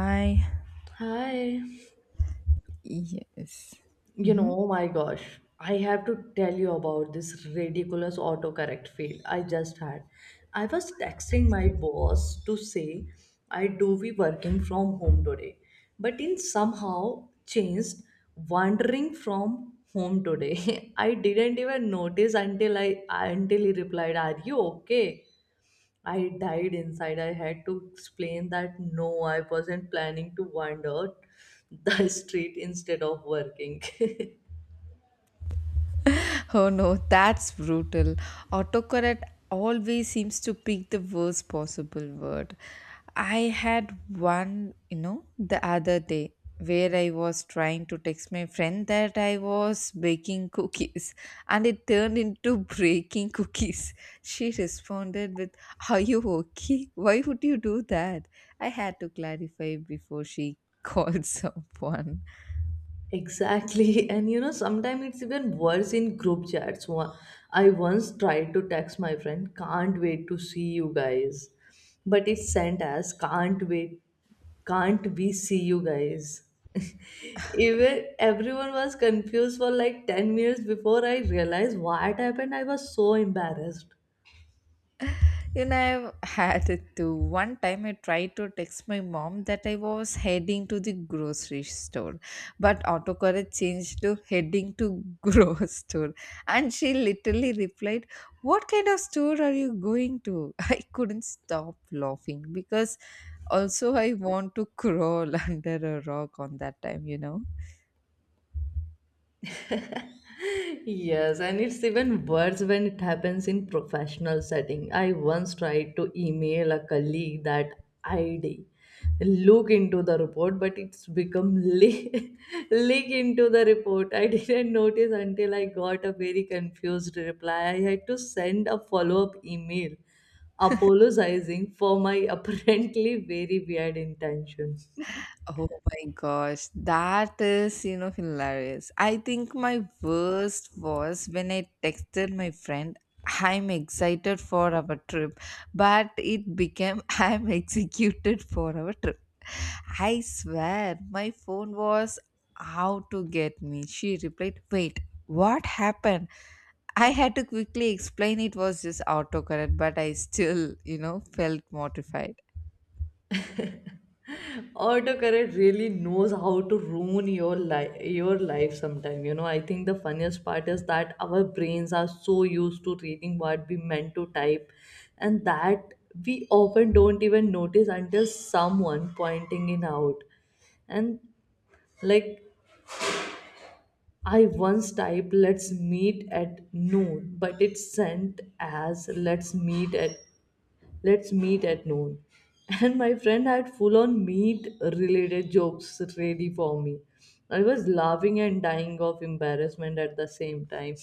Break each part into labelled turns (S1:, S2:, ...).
S1: I
S2: Hi.
S1: Yes. Mhm.
S2: Oh my gosh, I have to tell you about this ridiculous autocorrect fail I just had. I was texting my boss to say I do be working from home today, but in somehow changed wandering from home today. I didn't even notice until he replied, "Are you okay?" I died inside. I had to explain that no, I wasn't planning to wander the street instead of working.
S1: Oh no, that's brutal. Autocorrect always seems to pick the worst possible word. I had one, you know, the other day where I was trying to text my friend that I was baking cookies and it turned into breaking cookies. She responded with, "Are you okay? Why would you do that?" I had to clarify before she called someone.
S2: Exactly. And you know, sometimes it's even worse in group chats. I once tried to text my friend, can't wait to see you guys. But it's sent as can't wait, can't we see you guys? Even everyone was confused for like 10 minutes before I realized what happened. I was so embarrassed.
S1: You know, I've had it too. One time I tried to text my mom that I was heading to the grocery store, but autocorrect changed to heading to grocery store. And she literally replied, "What kind of store are you going to?" I couldn't stop laughing because also I want to crawl under a rock on that time.
S2: Yes, and it's even worse when it happens in professional setting. I once tried to email a colleague that I'd look into the report, but it's become leak into the report. I didn't notice until I got a very confused reply. I had to send a follow-up email apologizing for my apparently very weird intention.
S1: Oh my gosh, that is hilarious. I think my worst was when I texted my friend, I'm excited for our trip, but it became, I'm executed for our trip. I swear, my phone was out to get me. She replied, "Wait, what happened?" I had to quickly explain it was just autocorrect, but I still felt mortified.
S2: Autocorrect really knows how to ruin your life sometime. You know, I think the funniest part is that our brains are so used to reading what we meant to type, and that we often don't even notice until someone pointing it out. And like I once typed let's meet at noon, but it sent as let's meet at noon. And my friend had full on meat related jokes ready for me. I was laughing and dying of embarrassment at the same time.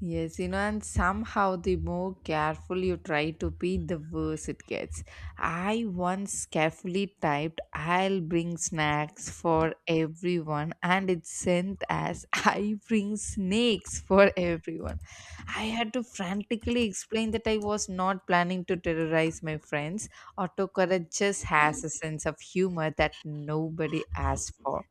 S1: Yes and somehow the more careful you try to be, the worse it gets. I once carefully typed, I'll bring snacks for everyone, and it sent as, I bring snakes for everyone. I had to frantically explain that I was not planning to terrorize my friends. Autocorrect just has a sense of humor that nobody asked for.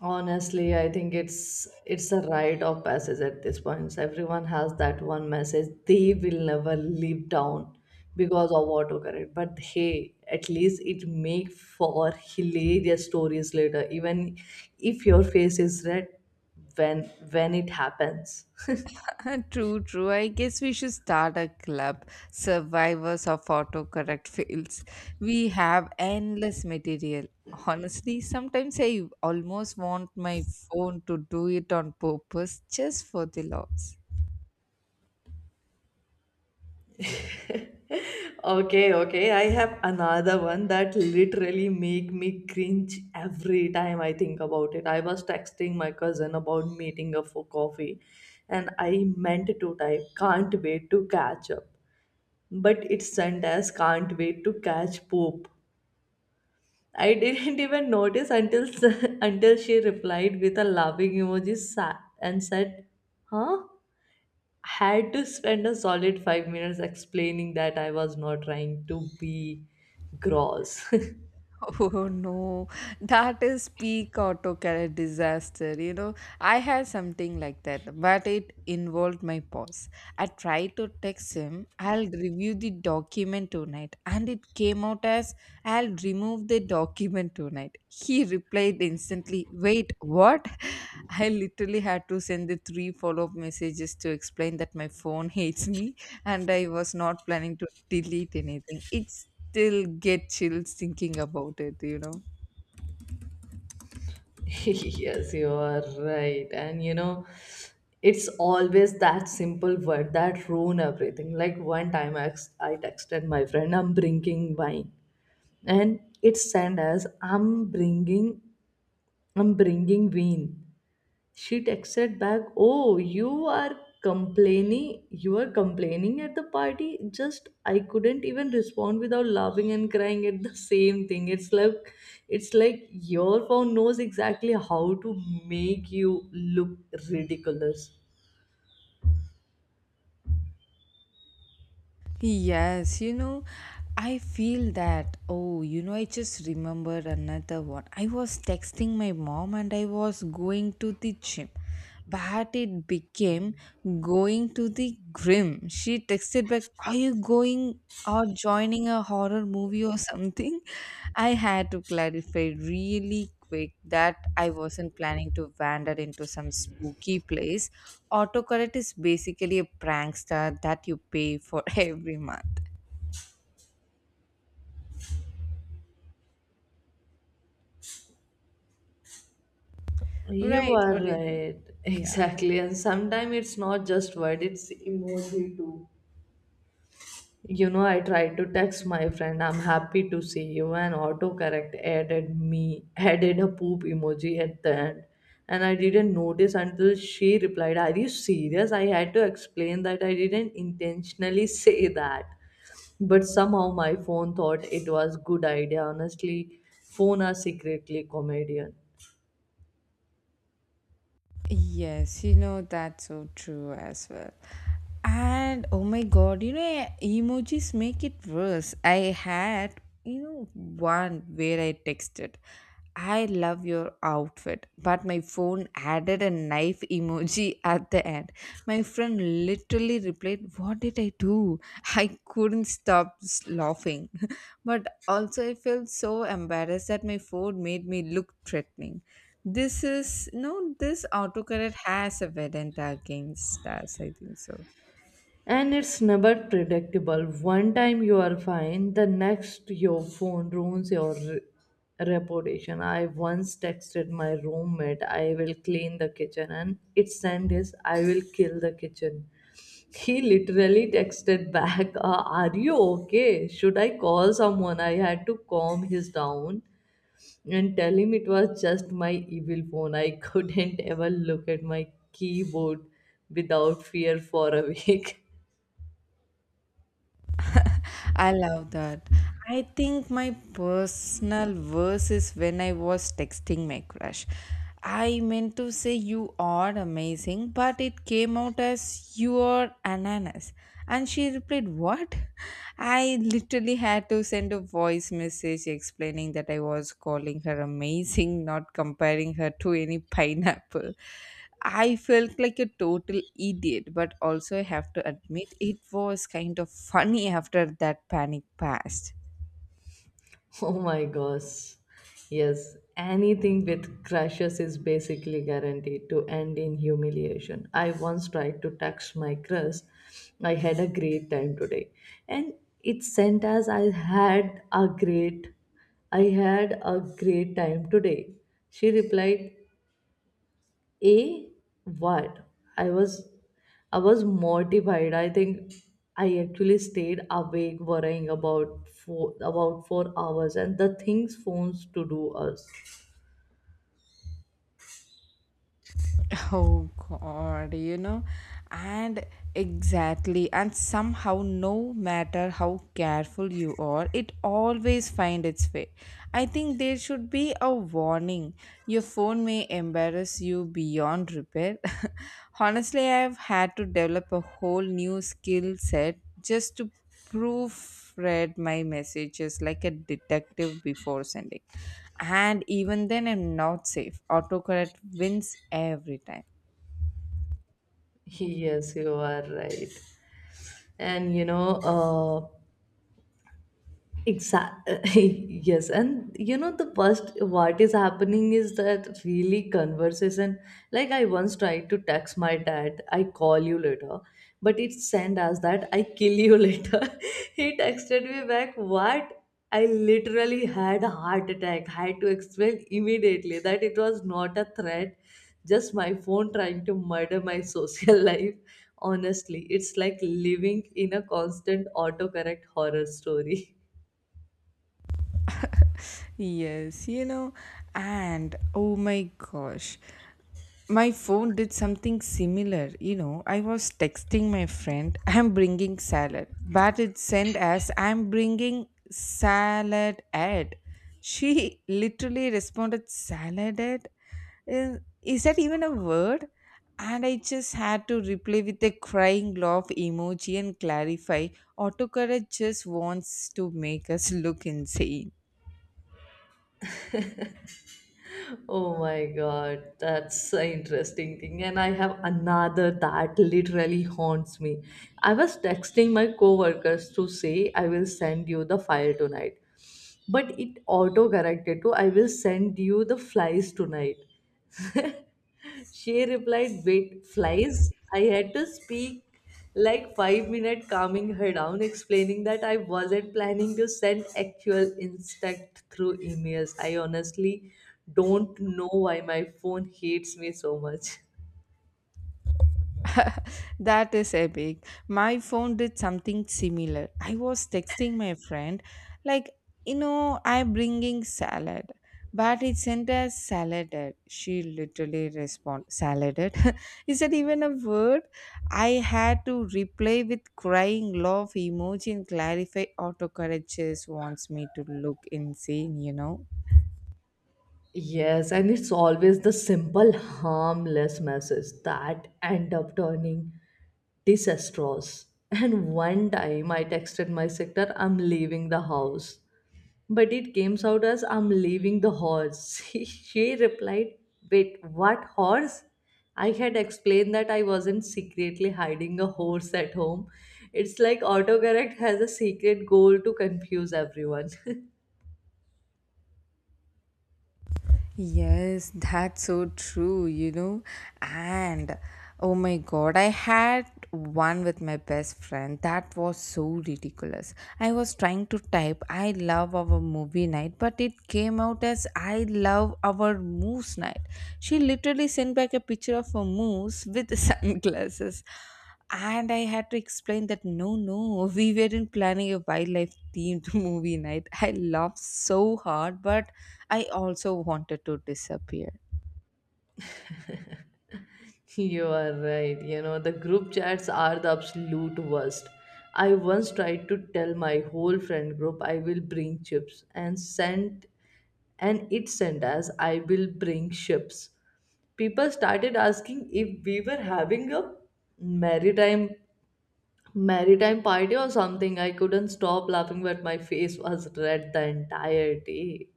S2: Honestly, I think it's a rite of passage at this point. Everyone has that one message they will never live down because of autocorrect. But hey, at least it make for hilarious stories later, even if your face is red when when it happens.
S1: True, true. I guess we should start a club, Survivors of Autocorrect Fails. We have endless material. Honestly, sometimes I almost want my phone to do it on purpose just for the loss.
S2: Okay, okay. I have another one that literally make me cringe every time I think about it. I was texting my cousin about meeting up for coffee, and I meant to type can't wait to catch up. But it sent as can't wait to catch poop. I didn't even notice until until she replied with a laughing emoji and said, "Huh?" Had to spend a solid 5 minutes explaining that I was not trying to be gross.
S1: Oh no, that is peak autocorrect disaster. I had something like that, but it involved my boss. I tried to text him, I'll review the document tonight, and it came out as I'll remove the document tonight. He replied instantly, "Wait, what?" I literally had to send the three follow up messages to explain that my phone hates me and I was not planning to delete anything. It still get chills thinking about it.
S2: Yes, you are right. And you know, it's always that simple word that ruin everything. Like one time I texted my friend, I'm drinking wine. And it sent as, I'm bringing wine. She texted back, oh, you are complaining at the party? Just I couldn't even respond without laughing and crying at the same thing. It's like your phone knows exactly how to make you look ridiculous.
S1: Yes I feel that. Oh I just remembered another one. I was texting my mom and I was going to the gym, but it became going to the grim. She texted back, "Are you going or joining a horror movie or something?" I had to clarify really quick that I wasn't planning to wander into some spooky place. Autocorrect is basically a prankster that you pay for every month.
S2: You
S1: Right,
S2: are
S1: what do you think?
S2: right.
S1: Yeah.
S2: Exactly. And sometimes it's not just word, it's emoji too. You know, I tried to text my friend, I'm happy to see you, and autocorrect added a poop emoji at the end. And I didn't notice until she replied, are you serious? I had to explain that I didn't intentionally say that. But somehow my phone thought it was good idea. Honestly, phone are secretly comedian.
S1: Yes that's so true as well. And oh my god emojis make it worse. I had one where I texted, I love your outfit, but my phone added a knife emoji at the end. My friend literally replied, "What did I do?" I couldn't stop laughing. But also, I felt so embarrassed that my phone made me look threatening. This is no, this autocorrect has a vendetta against us. I think so.
S2: And it's never predictable. One time you are fine, the next your phone ruins your reputation. I once texted my roommate, I will clean the kitchen, and it sent is, I will kill the kitchen. He literally texted back, are you okay? Should I call someone?" I had to calm his down and tell him it was just my evil phone. I couldn't ever look at my keyboard without fear for a week.
S1: I love that. I think my personal verse is when I was texting my crush. I meant to say you are amazing, but it came out as you are ananas. And she replied, "What?" I literally had to send a voice message explaining that I was calling her amazing, not comparing her to any pineapple. I felt like a total idiot, but also I have to admit it was kind of funny after that panic passed.
S2: Oh my gosh. Yes, anything with crushes is basically guaranteed to end in humiliation. I once tried to text my crush. I had a great time today. And it sent as I had a great time today. She replied, a what? I was I was mortified. I think I actually stayed awake worrying about 4 hours and the things phones to do us.
S1: Oh god and exactly, and somehow, no matter how careful you are, it always finds its way. I think there should be a warning. Your phone may embarrass you beyond repair. Honestly, I've had to develop a whole new skill set just to proofread my messages like a detective before sending. And even then, I'm not safe. Autocorrect wins every time.
S2: Yes, you are right. And you know, uh. Exactly. Yes. And you know, the worst, what is happening is that really conversation. Like, I once tried to text my dad, I call you later, but it sent as that I kill you later. He texted me back, what? I literally had a heart attack. Had to explain immediately that it was not a threat, just my phone trying to murder my social life. Honestly, it's like living in a constant autocorrect horror story.
S1: Yes and oh my gosh, my phone did something similar. I was texting my friend I'm bringing salad, but it sent as I'm bringing salad ad. She literally responded, salad ad, is that even a word? And I just had to reply with a crying laugh emoji and clarify, autocorrect just wants to make us look insane.
S2: Oh my god, that's an interesting thing. And I have another that literally haunts me. I was texting my coworkers to say I will send you the file tonight. But it auto corrected to I will send you the flies tonight. She replied, wait, flies? I had to speak like 5 minutes, calming her down, explaining that I wasn't planning to send actual insect through emails. I honestly don't know why my phone hates me so much.
S1: That is epic. My phone did something similar. I was texting my friend, like, I'm bringing salad, but it sent us salad. She literally responded, salad. Is that even a word? I had to reply with crying love emoji and clarify autocorrect just wants me to look insane.
S2: Yes, and it's always the simple, harmless messages that end up turning disastrous. And one time I texted my sister, I'm leaving the house. But it came out as I'm leaving the horse. She replied, wait, what horse? I had explained that I wasn't secretly hiding a horse at home. It's like autocorrect has a secret goal to confuse everyone.
S1: Yes, that's so true. And oh my god, I had one with my best friend. That was so ridiculous. I was trying to type I love our movie night, but it came out as I love our moose night. She literally sent back a picture of a moose with sunglasses and I had to explain that no, no, we weren't planning a wildlife themed movie night. I laughed so hard, but I also wanted to disappear.
S2: You are right. You know, the group chats are the absolute worst. I once tried to tell my whole friend group I will bring chips, and it sent us I will bring ships. People started asking if we were having a maritime maritime party or something. I couldn't stop laughing, but my face was red the entire day.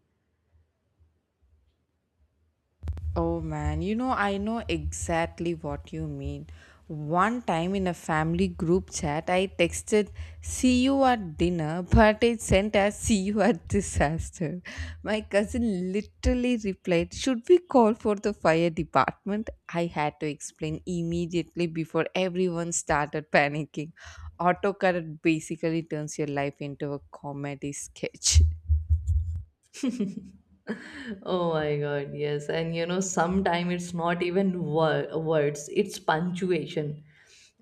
S1: Oh man I know exactly what you mean. One time in a family group chat, I texted, see you at dinner, but it sent as see you at disaster. My cousin literally replied, should we call for the fire department? I had to explain immediately before everyone started panicking. Autocorrect basically turns your life into a comedy sketch.
S2: Oh my God, yes. And you know, sometimes it's not even words, it's punctuation.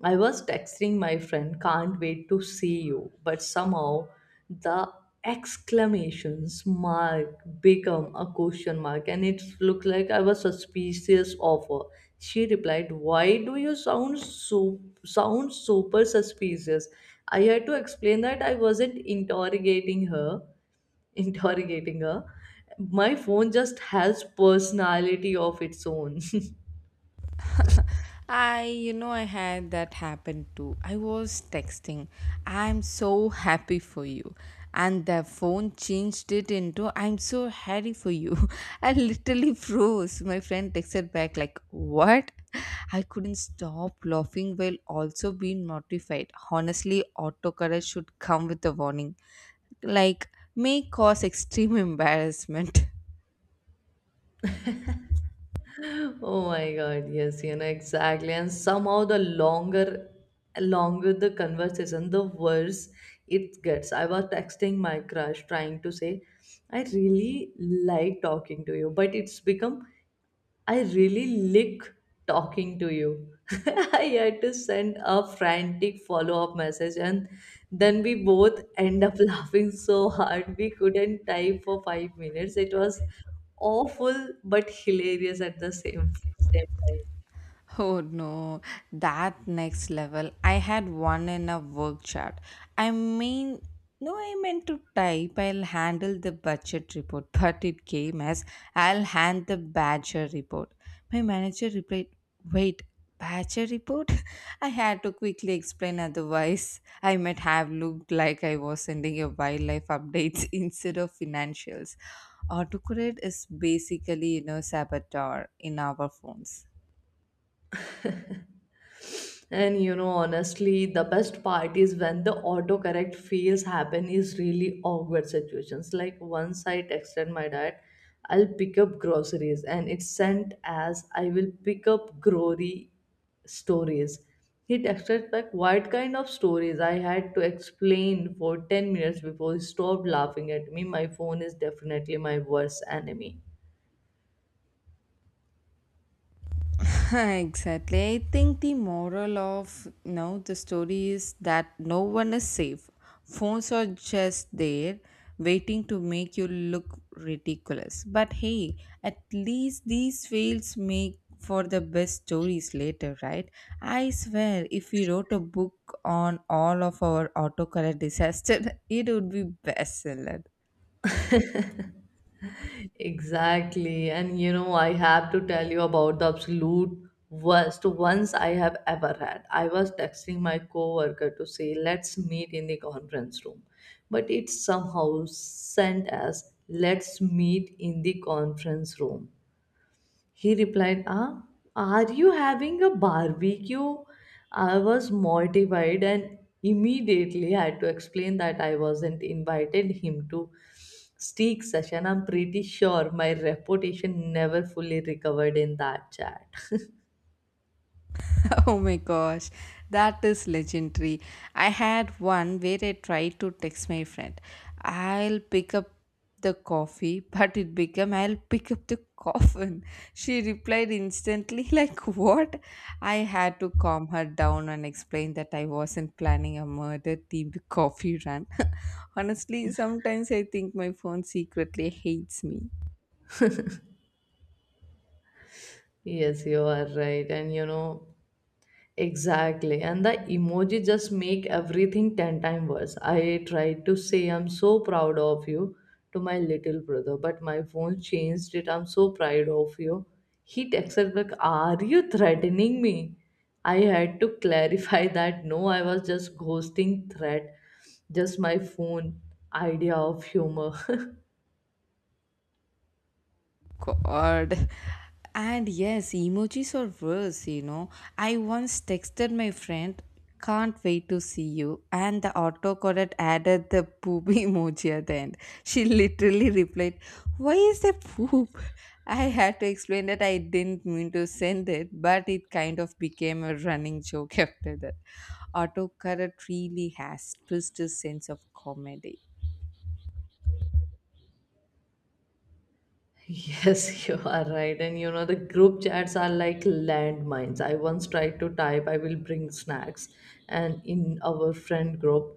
S2: I was texting my friend, can't wait to see you, but somehow the exclamations mark become a question mark and it looked like I was suspicious of her. She replied, why do you sound super suspicious? I had to explain that I wasn't interrogating her. My phone just has personality of its own.
S1: I had that happen too. I was texting, I'm so happy for you. And the phone changed it into, I'm so happy for you. I literally froze. My friend texted back, like, what? I couldn't stop laughing while also being mortified. Honestly, autocorrect should come with a warning. Like, may cause extreme embarrassment.
S2: Oh my God, yes, you know, exactly. And somehow the longer the conversation, the worse it gets. I was texting my crush trying to say, I really like talking to you, but it's become I really lick talking to you. I had to send a frantic follow up message, and then we both end up laughing so hard we couldn't type for 5 minutes. It was awful but hilarious at the same time.
S1: Oh no, that next level. I had one in a work chat. I mean, no, I meant to type I'll handle the budget report, but it came as I'll hand the badger report. My manager replied, "Wait, badger report?" I had to quickly explain, otherwise, I might have looked like I was sending a wildlife updates instead of financials. Autocorrect is basically saboteur in our phones.
S2: And you know, honestly, the best part is when the autocorrect fails happen is really awkward situations. Like once I texted my dad, I'll pick up groceries and it's sent as I will pick up grocery stories. He texted back, what kind of stories? I had to explain for 10 minutes before he stopped laughing at me. My phone is definitely my worst enemy.
S1: Exactly. I think the moral of now the story is that no one is safe. Phones are just there waiting to make you look ridiculous. But hey, at least these fails make for the best stories later, right? I swear if we wrote a book on all of our autocorrect disaster, it would be bestseller.
S2: Exactly. And you know, I have to tell you about the absolute worst ones I have ever had. I was texting my coworker to say, let's meet in the conference room. But it somehow sent us, let's meet in the conference room. He replied, ah, are you having a barbecue? I was mortified and immediately had to explain that I wasn't invited him to steak session. I'm pretty sure my reputation never fully recovered in that chat.
S1: Oh my gosh, that is legendary. I had one where I tried to text my friend, I'll pick up the coffee, but it became, I'll pick up the coffin. She replied instantly, like, what? I had to calm her down and explain that I wasn't planning a murder themed coffee run. Honestly, sometimes I think my phone secretly hates me.
S2: Yes, you are right. Exactly. And the emoji just make everything 10 times worse. I tried to say I'm so proud of you to my little brother, but my phone changed it. I'm so proud of you. He texted back, are you threatening me? I had to clarify that no, I was just ghosting threat, just my phone idea of humor.
S1: God. And yes, emojis are worse. I once texted my friend, can't wait to see you, and the autocorrect added the poop emoji at the end. She literally replied, "Why is there poop?" I had to explain that I didn't mean to send it, but it kind of became a running joke after that. Autocorrect really has twisted sense of comedy.
S2: Yes, you are right. And you know, the group chats are like landmines. I once tried to type, I will bring snacks, and in our friend group,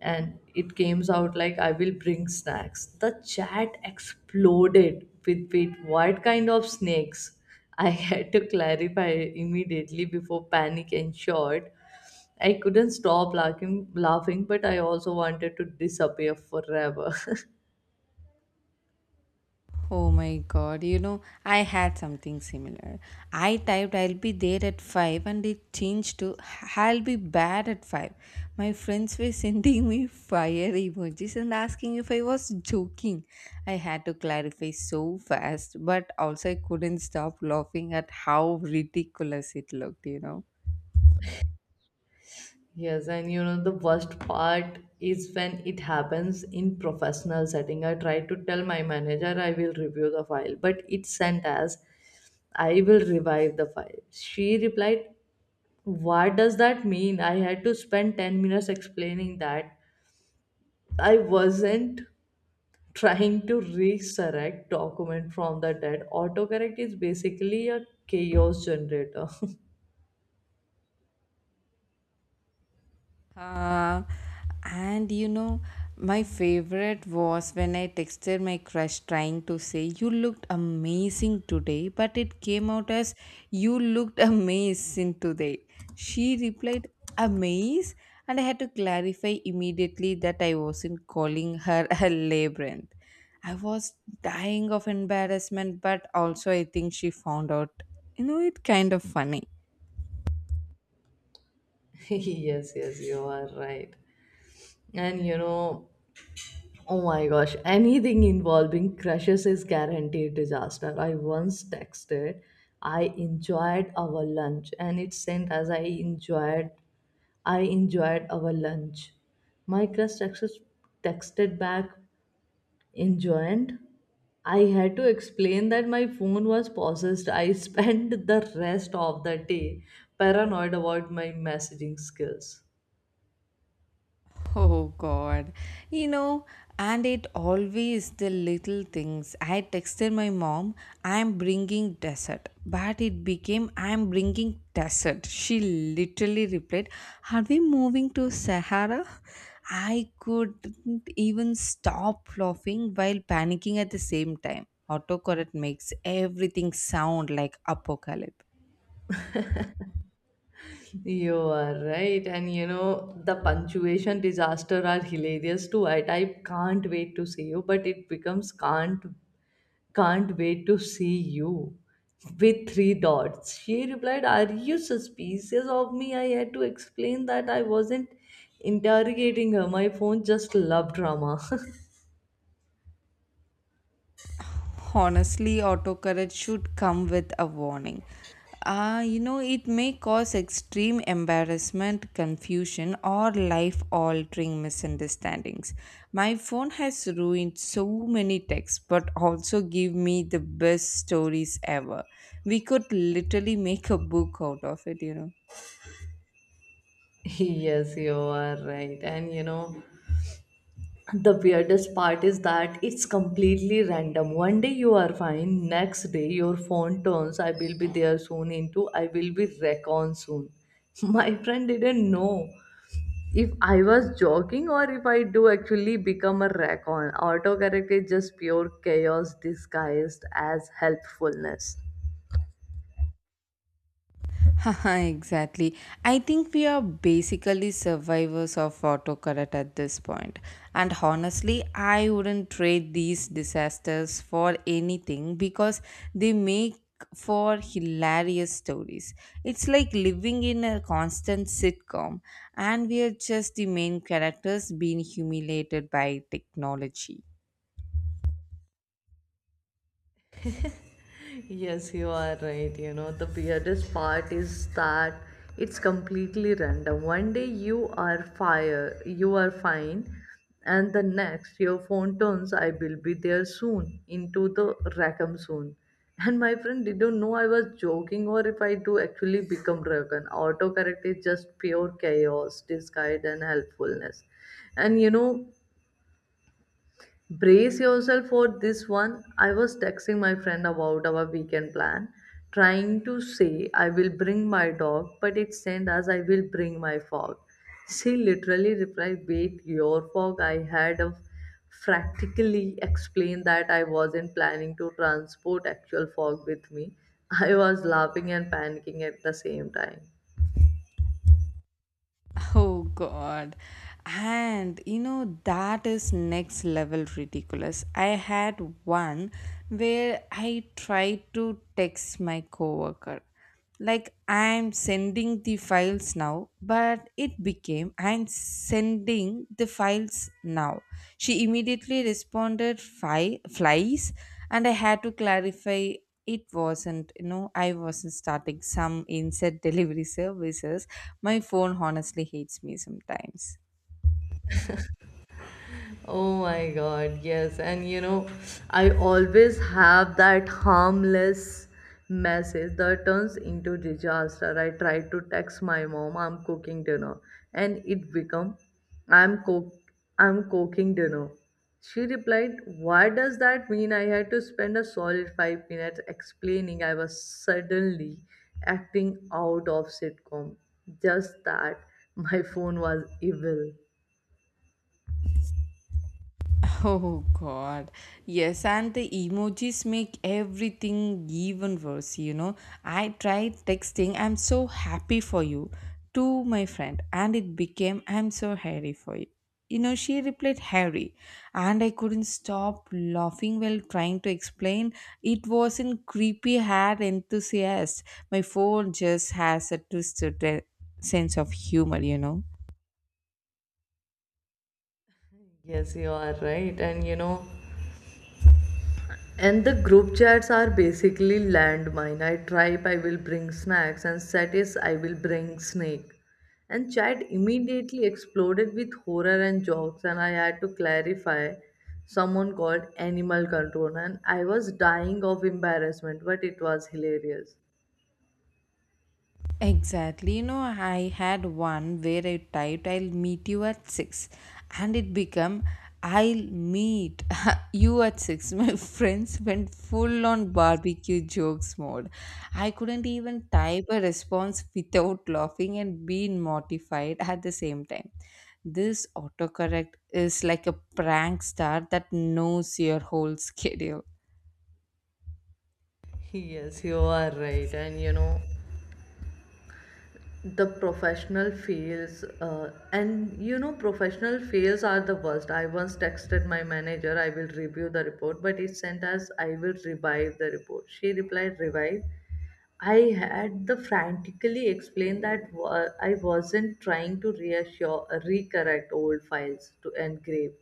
S2: and it came out like, I will bring snacks. The chat exploded with, what kind of snakes? I had to clarify immediately before panic ensured. I couldn't stop laughing, but I also wanted to disappear forever.
S1: Oh my god I had something similar. I typed I'll be there at 5 and it changed to I'll be bad at 5. My friends were sending me fire emojis and asking if I was joking. I had to clarify so fast, but also I couldn't stop laughing at how ridiculous it looked.
S2: Yes, and you know the worst part is when it happens in professional setting. I tried to tell my manager I will review the file, but it sent as I will revive the file. She replied, what does that mean? I had to spend 10 minutes explaining that I wasn't trying to resurrect document from the dead. Autocorrect is basically a chaos generator.
S1: Uh, and my favorite was when I texted my crush trying to say, You looked amazing today, but it came out as, You looked amazing today. She replied, "Amaze?" And I had to clarify immediately that I wasn't calling her a labyrinth. I was dying of embarrassment, but also I think she found out it kind of funny.
S2: Yes, yes, you are right. And you know, Oh my gosh, anything involving crushes is guaranteed disaster. I once texted, "I enjoyed our lunch," and it sent as "I enjoyed, I enjoyed our lunch." My crush texted, texted back, "enjoyed." I had to explain that my phone was possessed. I spent the rest of the day paranoid about my messaging skills.
S1: Oh God. You know, and it always the little things. I texted my mom, I'm bringing dessert. But it became, I'm bringing dessert. She literally replied, "Are we moving to Sahara?" I couldn't even stop laughing while panicking at the same time. Autocorrect makes everything sound like apocalypse.
S2: You are right, and you know the punctuation disaster are hilarious too. I type "can't wait to see you," but it becomes can't wait to see you with three dots. She replied, "Are you suspicious of me?" I had to explain that I wasn't interrogating her. My phone just loved drama.
S1: Honestly, autocorrect should come with a warning. It may cause extreme embarrassment, confusion, or life altering misunderstandings. My phone has ruined so many texts, but also give me the best stories ever. We could literally make a book out of it.
S2: Yes, you are right. And you know, the weirdest part is that it's completely random. One day you are fine, next day your phone turns, "I will be there soon," into "I will be recon soon." My friend didn't know if I was joking or if I do actually become a recon. Autocorrect is just pure chaos disguised as helpfulness.
S1: Haha, exactly. I think we are basically survivors of autocorrect at this point. And honestly, I wouldn't trade these disasters for anything because they make for hilarious stories. It's like living in a constant sitcom, and we are just the main characters being humiliated by technology.
S2: Yes, you are right. You know, the weirdest part is that it's completely random. One day you are fire, you are fine, and the next your phone turns, "I will be there soon," into "the Rackham soon." And my friend didn't know I was joking or if I do actually become Rackham. Autocorrect is just pure chaos disguised and helpfulness. And you know, brace yourself for this one. I was texting my friend about our weekend plan, trying to say "I will bring my dog," but it sent as "I will bring my fog." She literally replied, "Wait, your fog?" I had a practically explained that I wasn't planning to transport actual fog with me. I was laughing and panicking at the same time.
S1: Oh god. And that is next level ridiculous. I had one where I tried to text my coworker. Like I'm sending the files now, but it became I'm sending the files now. She immediately responded flies and I had to clarify it wasn't, I wasn't starting some insect delivery services. My phone honestly hates me sometimes.
S2: Oh my God, yes. And you know, I always have that harmless message that turns into disaster. I try to text my mom, "I'm cooking dinner," and it become, "I'm cook, I'm cooking dinner." She replied, "Why does that mean?" I had to spend a solid 5 minutes explaining I was suddenly acting out of sitcom. Just that my phone was evil.
S1: Oh god. Yes, and the emojis make everything even worse. I tried texting I'm so happy for you to my friend and it became I'm so hairy for you. She replied hairy, and I couldn't stop laughing while trying to explain it wasn't creepy hair enthusiast. My phone just has a twisted sense of humor.
S2: Yes, you are right. And you know, and the group chats are basically landmine. I tribe, "I will bring snacks," and set is "I will bring snake." And chat immediately exploded with horror and jokes, and I had to clarify someone called animal control, and I was dying of embarrassment, but it was hilarious.
S1: Exactly. I had one where I typed I'll meet you at 6 and it became I'll meet you at 6. My friends went full on barbecue jokes mode. I couldn't even type a response without laughing and being mortified at the same time. This autocorrect is like a prank star that knows your whole schedule.
S2: Yes, you are right. And you know, the professional fails, and you know professional fails are the worst. I once texted my manager, "I will review the report," but it sent us "I will revive the report." She replied, "Revive." I had the frantically explained that I wasn't trying to reassure recorrect old files to engrave.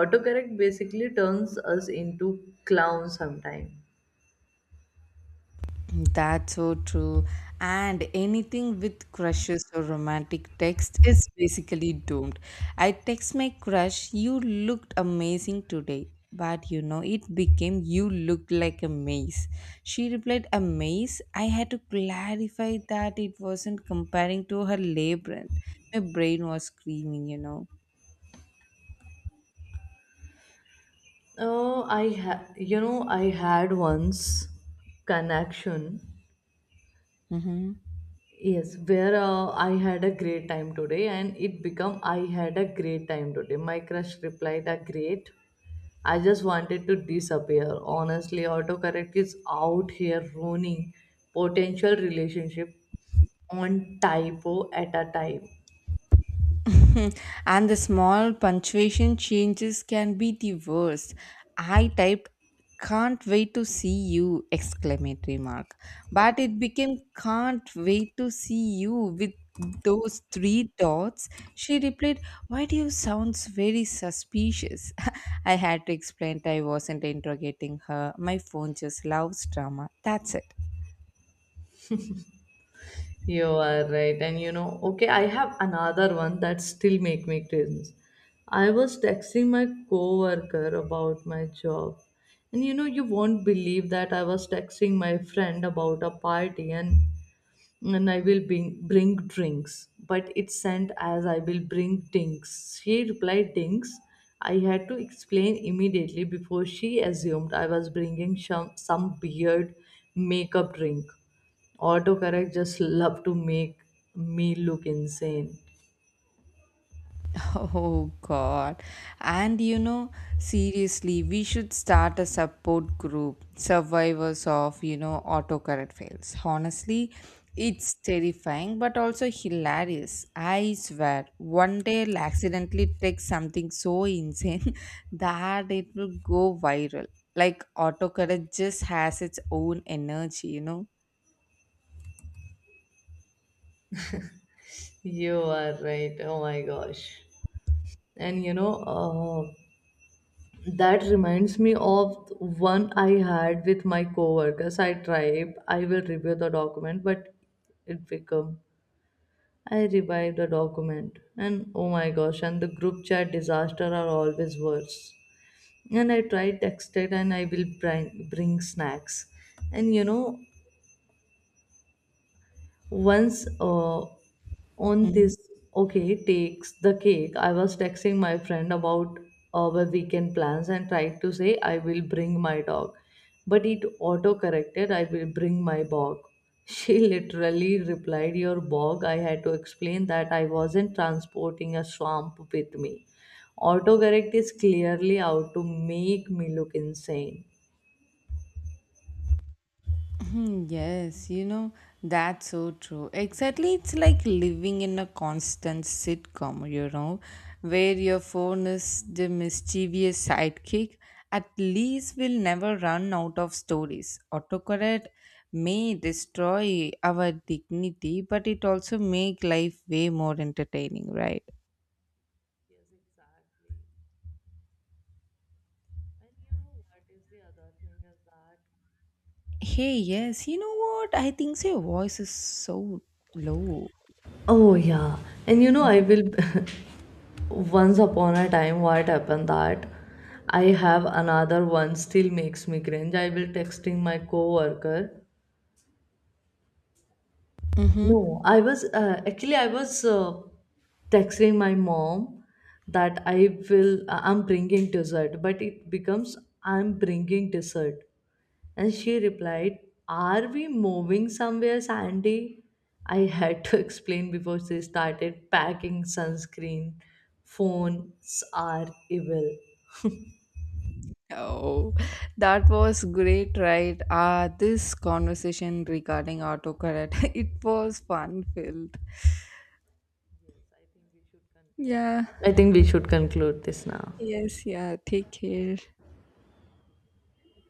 S2: Autocorrect basically turns us into clowns sometimes.
S1: That's so true. And anything with crushes or romantic text is basically doomed. I text my crush, you looked amazing today. But it became you looked like a maze. She replied, "A maze?" I had to clarify that it wasn't comparing to her labyrinth. My brain was screaming.
S2: Oh, you know, I had once connection.
S1: Mm-hmm.
S2: Yes, where I had a great time today, and it become "I had a great time today." My crush replied, "A great." I just wanted to disappear. Honestly, autocorrect is out here ruining potential relationship on typo at a time.
S1: And the small punctuation changes can be the worst. I typed can't wait to see you exclamatory mark, but it became can't wait to see you with those three dots. She replied, why do you sound very suspicious? I had to explain that I wasn't interrogating her. My phone just loves drama, that's it.
S2: You are right, and you know, okay, I have another one that still make me cringe. I was texting my coworker about my job, and you know, you won't believe that I was texting my friend about a party, and and I will bring drinks. But it sent as "I will bring dinks." She replied, "Dinks." I had to explain immediately before she assumed I was bringing some weird makeup drink. Autocorrect just love to make me look insane.
S1: Oh God. And seriously, we should start a support group, survivors of autocorrect fails. Honestly, it's terrifying but also hilarious. I swear, one day I'll accidentally text something so insane that it will go viral. Like autocorrect just has its own energy.
S2: You are right. Oh my gosh. And you know, that reminds me of one I had with my coworkers. I tried, "I will review the document," but it become "I revive the document," and oh my gosh, and the group chat disaster are always worse. And I tried texted, "and I will bring snacks," and you know once on
S1: Mm-hmm.
S2: this, okay, takes the cake. I was texting my friend about our weekend plans and tried to say "I will bring my dog," but it auto corrected "I will bring my bog." She literally replied, "Your bog?" I had to explain that I wasn't transporting a swamp with me. Autocorrect is clearly out to make me look insane.
S1: Hmm, yes, that's so true. Exactly, it's like living in a constant sitcom, where your phone is the mischievous sidekick. At least we'll never run out of stories. Autocorrect may destroy our dignity, but it also make life way more entertaining, right?
S2: Yes, exactly. And you know what is the other thing is that,
S1: Hey, yes, you know what? I think your voice is so low.
S2: oh yeah, and you know I will. Once upon a time, what happened that I have another one still makes me cringe. I will texting my coworker,
S1: Mm-hmm.
S2: no, I was actually I was texting my mom that I will I'm bringing dessert, but it becomes "I'm bringing dessert," and she replied, "Are we moving somewhere, Sandy?" I had to explain before she started packing sunscreen. Phones are evil.
S1: Oh, that was great, right? Ah, this conversation regarding autocorrect, it was fun filled. Yeah,
S2: I think we should conclude this now.
S1: yes, yeah, take care.